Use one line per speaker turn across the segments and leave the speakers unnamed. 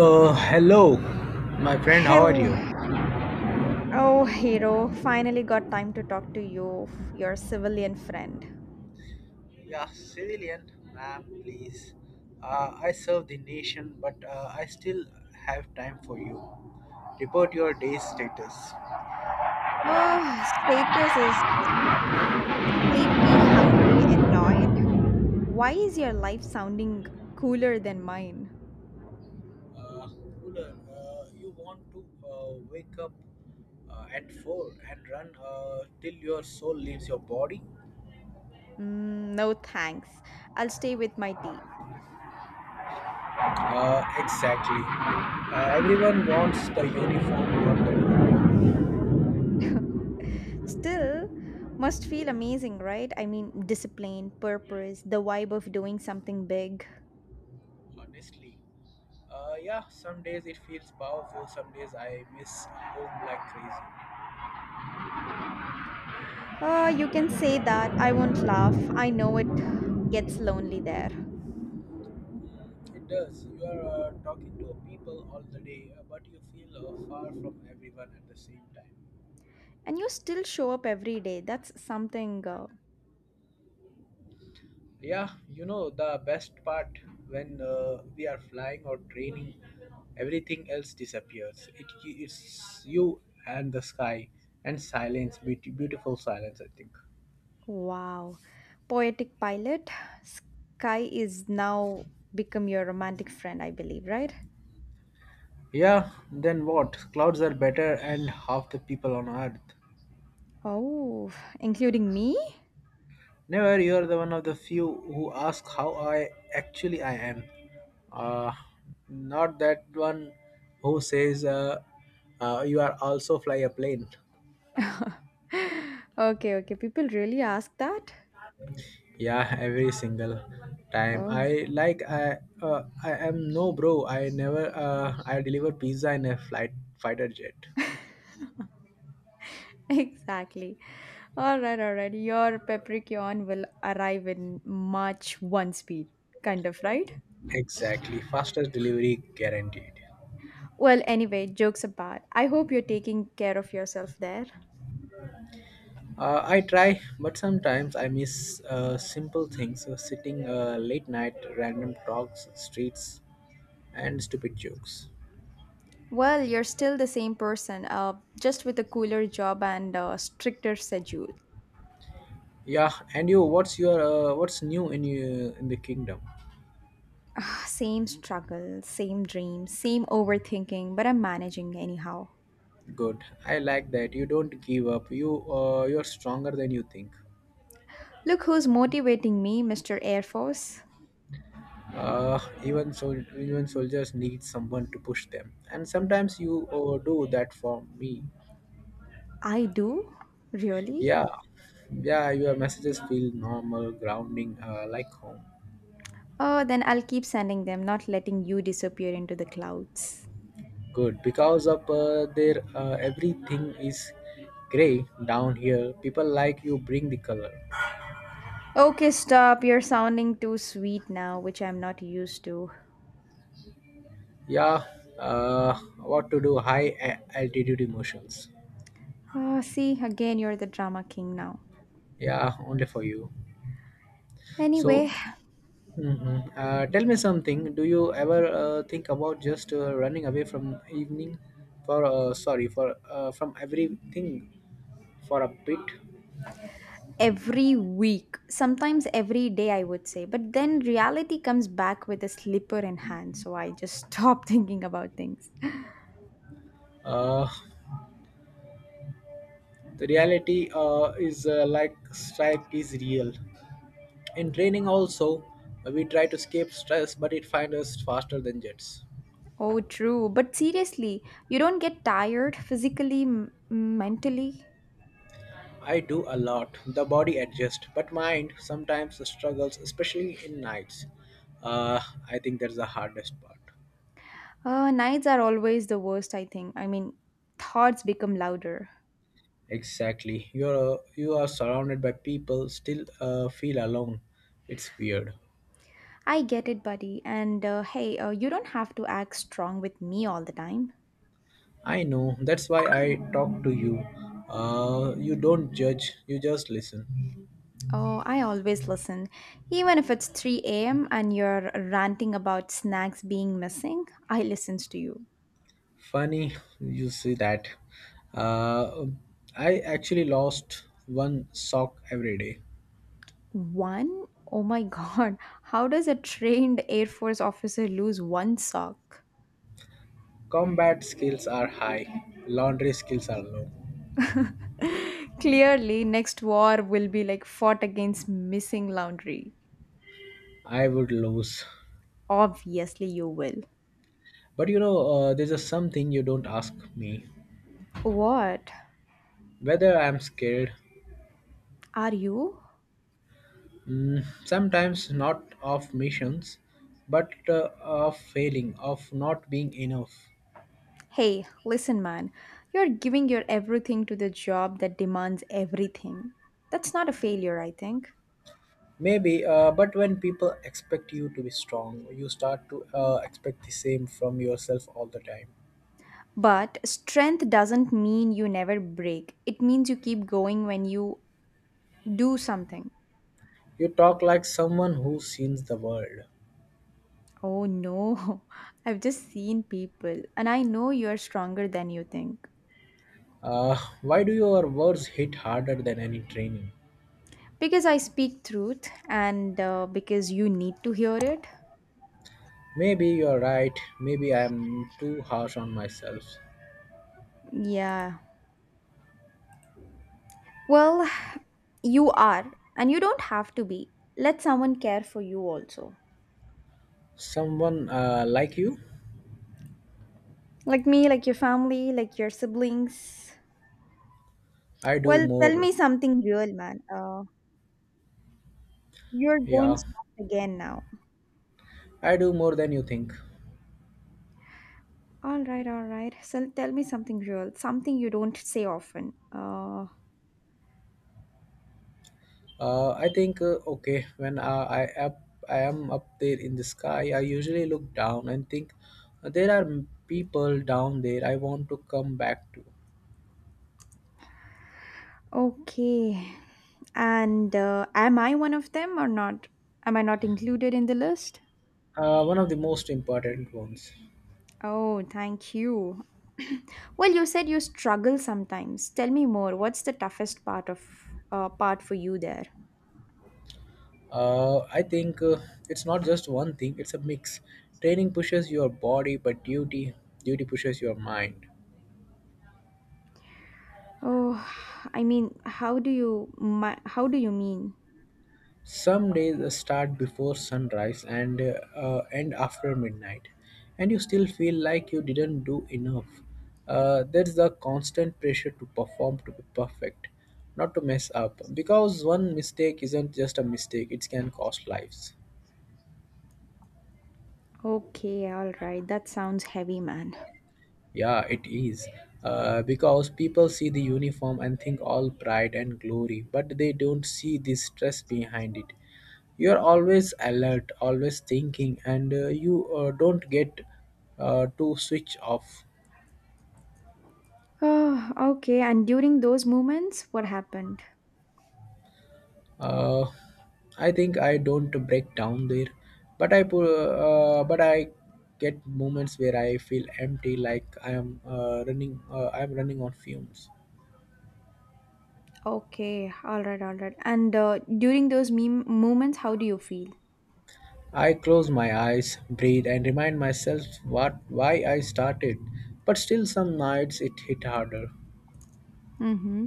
Hello, my friend. How are
Hello,
you?
oh hero, finally got time to talk to you, your civilian friend.
Yeah, civilian, ma'am, please. I serve the nation, but I still have time for you. Report your day's status.
Oh, status is sleepy, hungry, annoyed. Why is your life sounding cooler than mine?
Uh, Cooler. You want to wake up at four and run till your soul leaves your body?
Mm, no thanks. I'll stay with my tea.
Exactly. Everyone wants the uniform, not the body.
Still, must feel amazing, right? I mean, discipline, purpose, the vibe of doing something big.
Honestly. Yeah, some days it feels powerful, some days I miss home like crazy.
You can say that. I won't laugh. I know it gets lonely there.
It does. You are talking to people all the day, but you feel far from everyone at the same time.
And you still show up every day. That's something.
Yeah, you know, the best part when we are flying or training, everything else disappears. It's you and the sky and silence, beautiful silence, I think.
Wow. Poetic pilot, sky is now become your romantic friend, I believe, right?
Yeah, then what? Clouds are better and half the people on earth.
Oh, including me?
Never, you're the one of the few who ask how I actually I am. Uh, Not that one who says you are also fly a plane.
Okay, okay. People really ask that?
Yeah, every single time.
Oh,
I am no bro. I never I deliver pizza in a flight fighter jet.
exactly. All right, all right. Your Capricorn will arrive in March one speed, kind of, right?
Exactly, fastest delivery guaranteed.
Well, anyway, jokes apart. I hope you're taking care of yourself there.
I try, but sometimes I miss simple things sitting late night, random talks, streets, and stupid jokes.
Well, you're still the same person, just with a cooler job and a stricter schedule.
Yeah, and you, what's new in you in the kingdom?
Same struggle, same dream, same overthinking, but I'm managing anyhow.
Good. I like that. You don't give up. You're stronger than you think.
Look who's motivating me, Mr. Air Force.
Uh, even so, even soldiers need someone to push them. And sometimes you do that for me.
I do? Really?
Yeah, yeah. Your messages feel normal, grounding, like home.
Oh, then I'll keep sending them, not letting you disappear into the clouds.
Good, because of there everything is gray down here. People like you bring the color.
Okay, stop. You're sounding too sweet now, which I'm not used to.
Yeah, uh, what to do? High altitude emotions.
Ah, see, again, you're the drama king now.
Yeah, only for you. So,
Anyway,
mhm. Tell me something. Do you ever think about just running away from evening, for sorry, for from everything, for a bit?
every week, sometimes every day, I would say. But then reality comes back with a slipper in hand, so I just stop thinking about things.
Uh, the reality is like strike is real. In training also, we try to escape stress, but it finds us faster than jets.
Oh, true. But seriously, you don't get tired physically, mentally.
I do a lot. The body adjusts, but mind sometimes struggles, especially in nights. Uh, I think that's the hardest part.
Nights are always the worst, I think. I mean, thoughts become louder.
Exactly. You are surrounded by people, still feel alone. It's weird.
I get it, buddy. And hey, you don't have to act strong with me all the time.
I know. That's why I talk to you. You don't judge. You just listen.
Oh, I always listen. Even if it's 3 a.m. and you're ranting about snacks being missing, I listen to you.
Funny you see that. Uh, I actually lost one sock every day.
One? Oh my god, how does a trained Air Force officer lose one sock?
Combat skills are high, laundry skills are low.
Clearly, next war will be like fought against missing laundry.
I would lose.
Obviously, you will.
But you know, there's a something you don't ask me.
What?
Whether I'm scared,
Are you?
mm, sometimes not of missions, but of failing, of not being enough.
Hey, listen, man. You're giving your everything to the job that demands everything. That's not a failure, I think.
Maybe, but when people expect you to be strong, you start to expect the same from yourself all the time.
But strength doesn't mean you never break. It means you keep going when you do something.
You talk like someone who sees the world.
Oh no, I've just seen people, and I know you're stronger than you think.
Uh, why do your words hit harder than any training?
Because I speak truth, and because you need to hear it.
Maybe you're right. Maybe I'm too harsh on myself.
Yeah. Well, you are, and you don't have to be. Let someone care for you also.
Someone like you,
Like me, like your family, like your siblings.
I do
Well, tell
more.
me something real, man. You're going
Yeah,
soft again now.
I do more than you think.
All right, all right. So tell me something real, something you don't say often.
I think okay when I up, I am up there in the sky. I usually look down and think there are people down there. I want to come back to.
Okay. And am I one of them or not? Am I not included in the list?
One of the most important ones.
Oh, thank you. Well, you said you struggle sometimes. Tell me more. What's the toughest part of part for you there?
I think It's not just one thing, it's a mix. Training pushes your body, but duty pushes your mind.
Oh, I mean, how do you mean?
Some days start before sunrise and end after midnight, and you still feel like you didn't do enough. There's the constant pressure to perform, to be perfect, not to mess up, because one mistake isn't just a mistake, it can cost lives.
Okay, all right. That sounds heavy, man.
Yeah, it is. Because people see the uniform and think all pride and glory, but they don't see the stress behind it. You're always alert, always thinking, and you don't get to switch off.
Oh, okay. And during those moments, what happened?
Uh, I think I don't break down there, but I get moments where I feel empty, like I am running. I am running on fumes.
Okay, all right, all right. And during those meme moments, how do you feel?
I close my eyes, breathe, and remind myself what why I started. But still, some nights it hit harder.
Mm-hmm.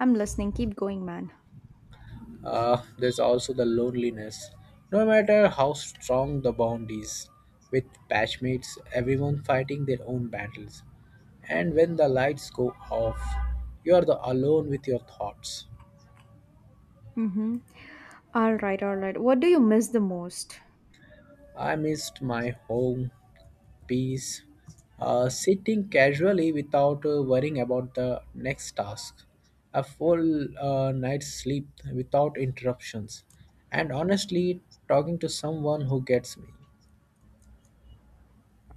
I'm listening. Keep going, man.
There's also the loneliness. No matter how strong the bond is, with batchmates, everyone fighting their own battles. And when the lights go off, you are the alone with your thoughts.
Mm-hmm. All right, all right. What do you miss the most?
I missed my home, peace, sitting casually without worrying about the next task, a full night's sleep without interruptions, and honestly, talking to someone who gets me.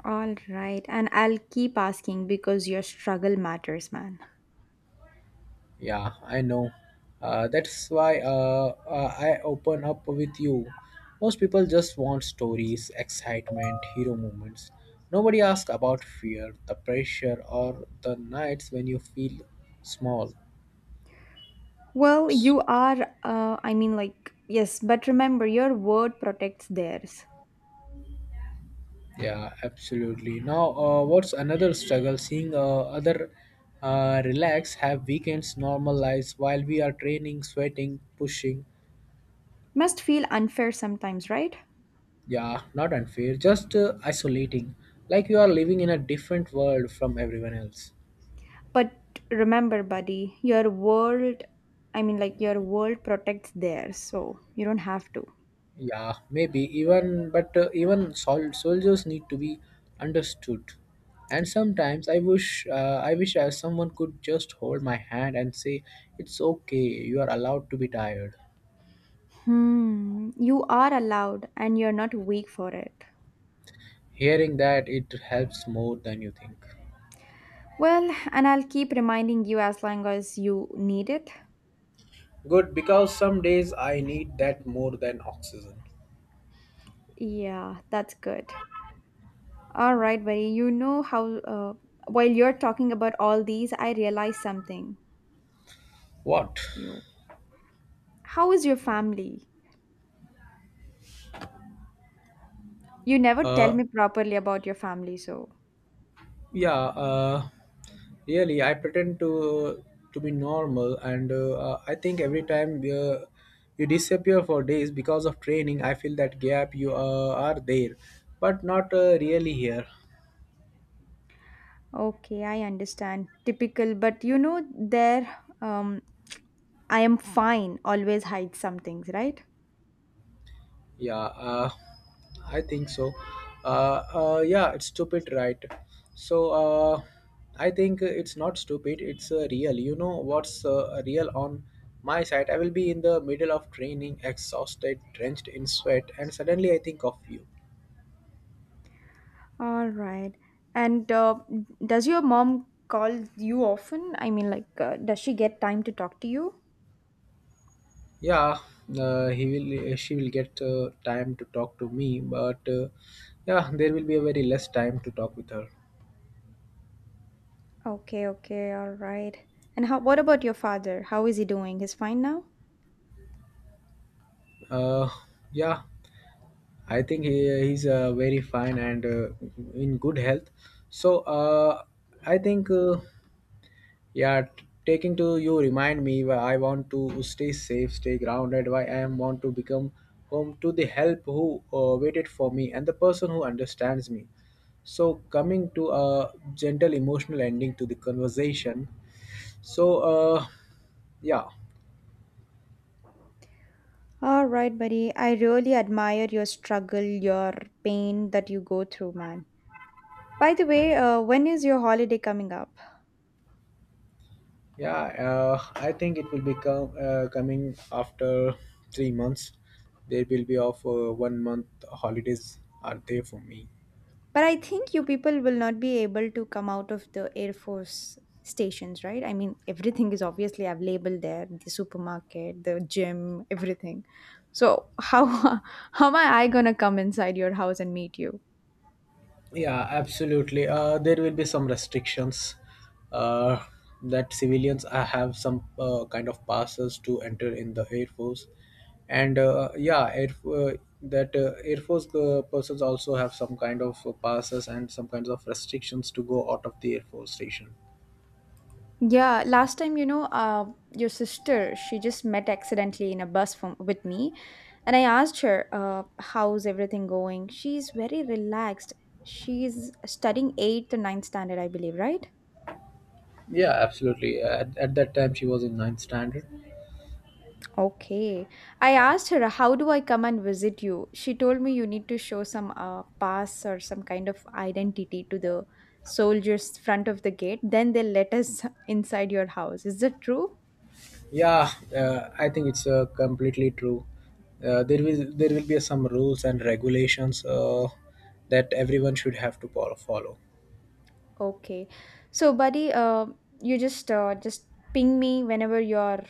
All right, and I'll keep asking because your struggle matters, man.
Yeah, I know. That's why I open up with you. Most people just want stories, excitement, hero moments. Nobody asks about fear, the pressure, or the nights when you feel small.
Well, you are. I mean, like yes, but remember, your word protects theirs.
Yeah, absolutely. Now, what's another struggle? Seeing other relax, have weekends, normal lives while we are training, sweating, pushing.
Must feel unfair sometimes, right?
Yeah, not unfair, just isolating. Like you are living in a different world from everyone else.
But remember, buddy, your world. I mean, like your world protects theirs, so you don't have to.
Yeah, maybe even, but even soldiers need to be understood. And sometimes I wish someone could just hold my hand and say, "It's okay. You are allowed to be tired."
Hmm, you are allowed and you're not weak for it.
Hearing that, it helps more than you think.
Well, and I'll keep reminding you as long as you need it.
Good, because some days I need that more than oxygen.
Yeah, that's good. All right, buddy. While you're talking about all these, I realized something.
What?
You, how is your family? You never tell
Uh,
me properly about your family, so.
yeah. Uh, Really, I pretend to be normal, and I think every time you disappear for days because of training, I feel that gap you are there, but not really here.
Okay, I understand. Typical, but you know, there, um, I am fine always hides some things, right?
Yeah, I think so. Yeah, it's stupid, right? So, uh, I think it's not stupid. It's real. You know what's real on my side? I will be in the middle of training, exhausted, drenched in sweat, and suddenly I think of you.
All right. And does your mom call you often? I mean, like, does she get time to talk to you?
Yeah, he will. She will get time to talk to me, but yeah, there will be a very less time to talk with her.
Okay, okay, all right. And how, what about your father? How is he doing? He's fine now?
Uh, yeah, I think he's very fine and in good health. So I think yeah, taking to you remind me why I want to stay safe, stay grounded. Why I am want to become home to the help who waited for me and the person who understands me. So coming to a gentle emotional ending to the conversation. So, yeah.
All right, buddy. I really admire your struggle, your pain that you go through, man. By the way, when is your holiday coming up?
Yeah, I think it will become coming after 3 months. There will be off 1 month holidays are there for me.
But I think you people will not be able to come out of the Air Force stations, right? I mean, everything is obviously available there, the supermarket, the gym, everything. So, how, how am I going to come inside your house and meet you?
Yeah, absolutely. There will be some restrictions uh, that civilians have some kind of passes to enter in the Air Force, and yeah, Air Force persons also have some kind of passes and some kinds of restrictions to go out of the Air Force station.
Yeah, last time, you know, your sister, she just met accidentally in a bus from, with me. And I asked her, how's everything going? She's very relaxed. She's studying 8th or ninth standard, I believe, right?
Yeah, absolutely. At that time, she was in ninth standard.
Okay. I asked her, how do I come and visit you? She told me you need to show some pass or some kind of identity to the soldiers front of the gate. Then they'll let us inside your house. Is that true?
Yeah, I think it's completely true. There will be some rules and regulations that everyone should have to follow.
Okay. So, buddy, you just ping me whenever your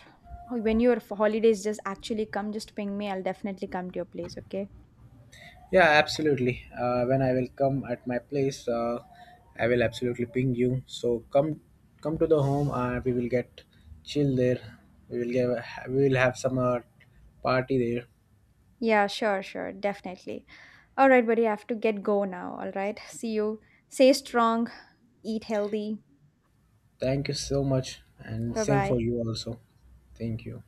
when your holidays just actually come. Just ping me. I'll definitely come to your place. Okay.
Yeah, absolutely. When I will come at my place, I will absolutely ping you. So come to the home. We will get chill there. We will give we will have some party there.
Yeah, sure, sure, definitely. All right, buddy, I have to get go now. All right. See you. Stay strong, eat healthy.
Thank you so much, and
Bye
same for
bye.
you also. Thank you.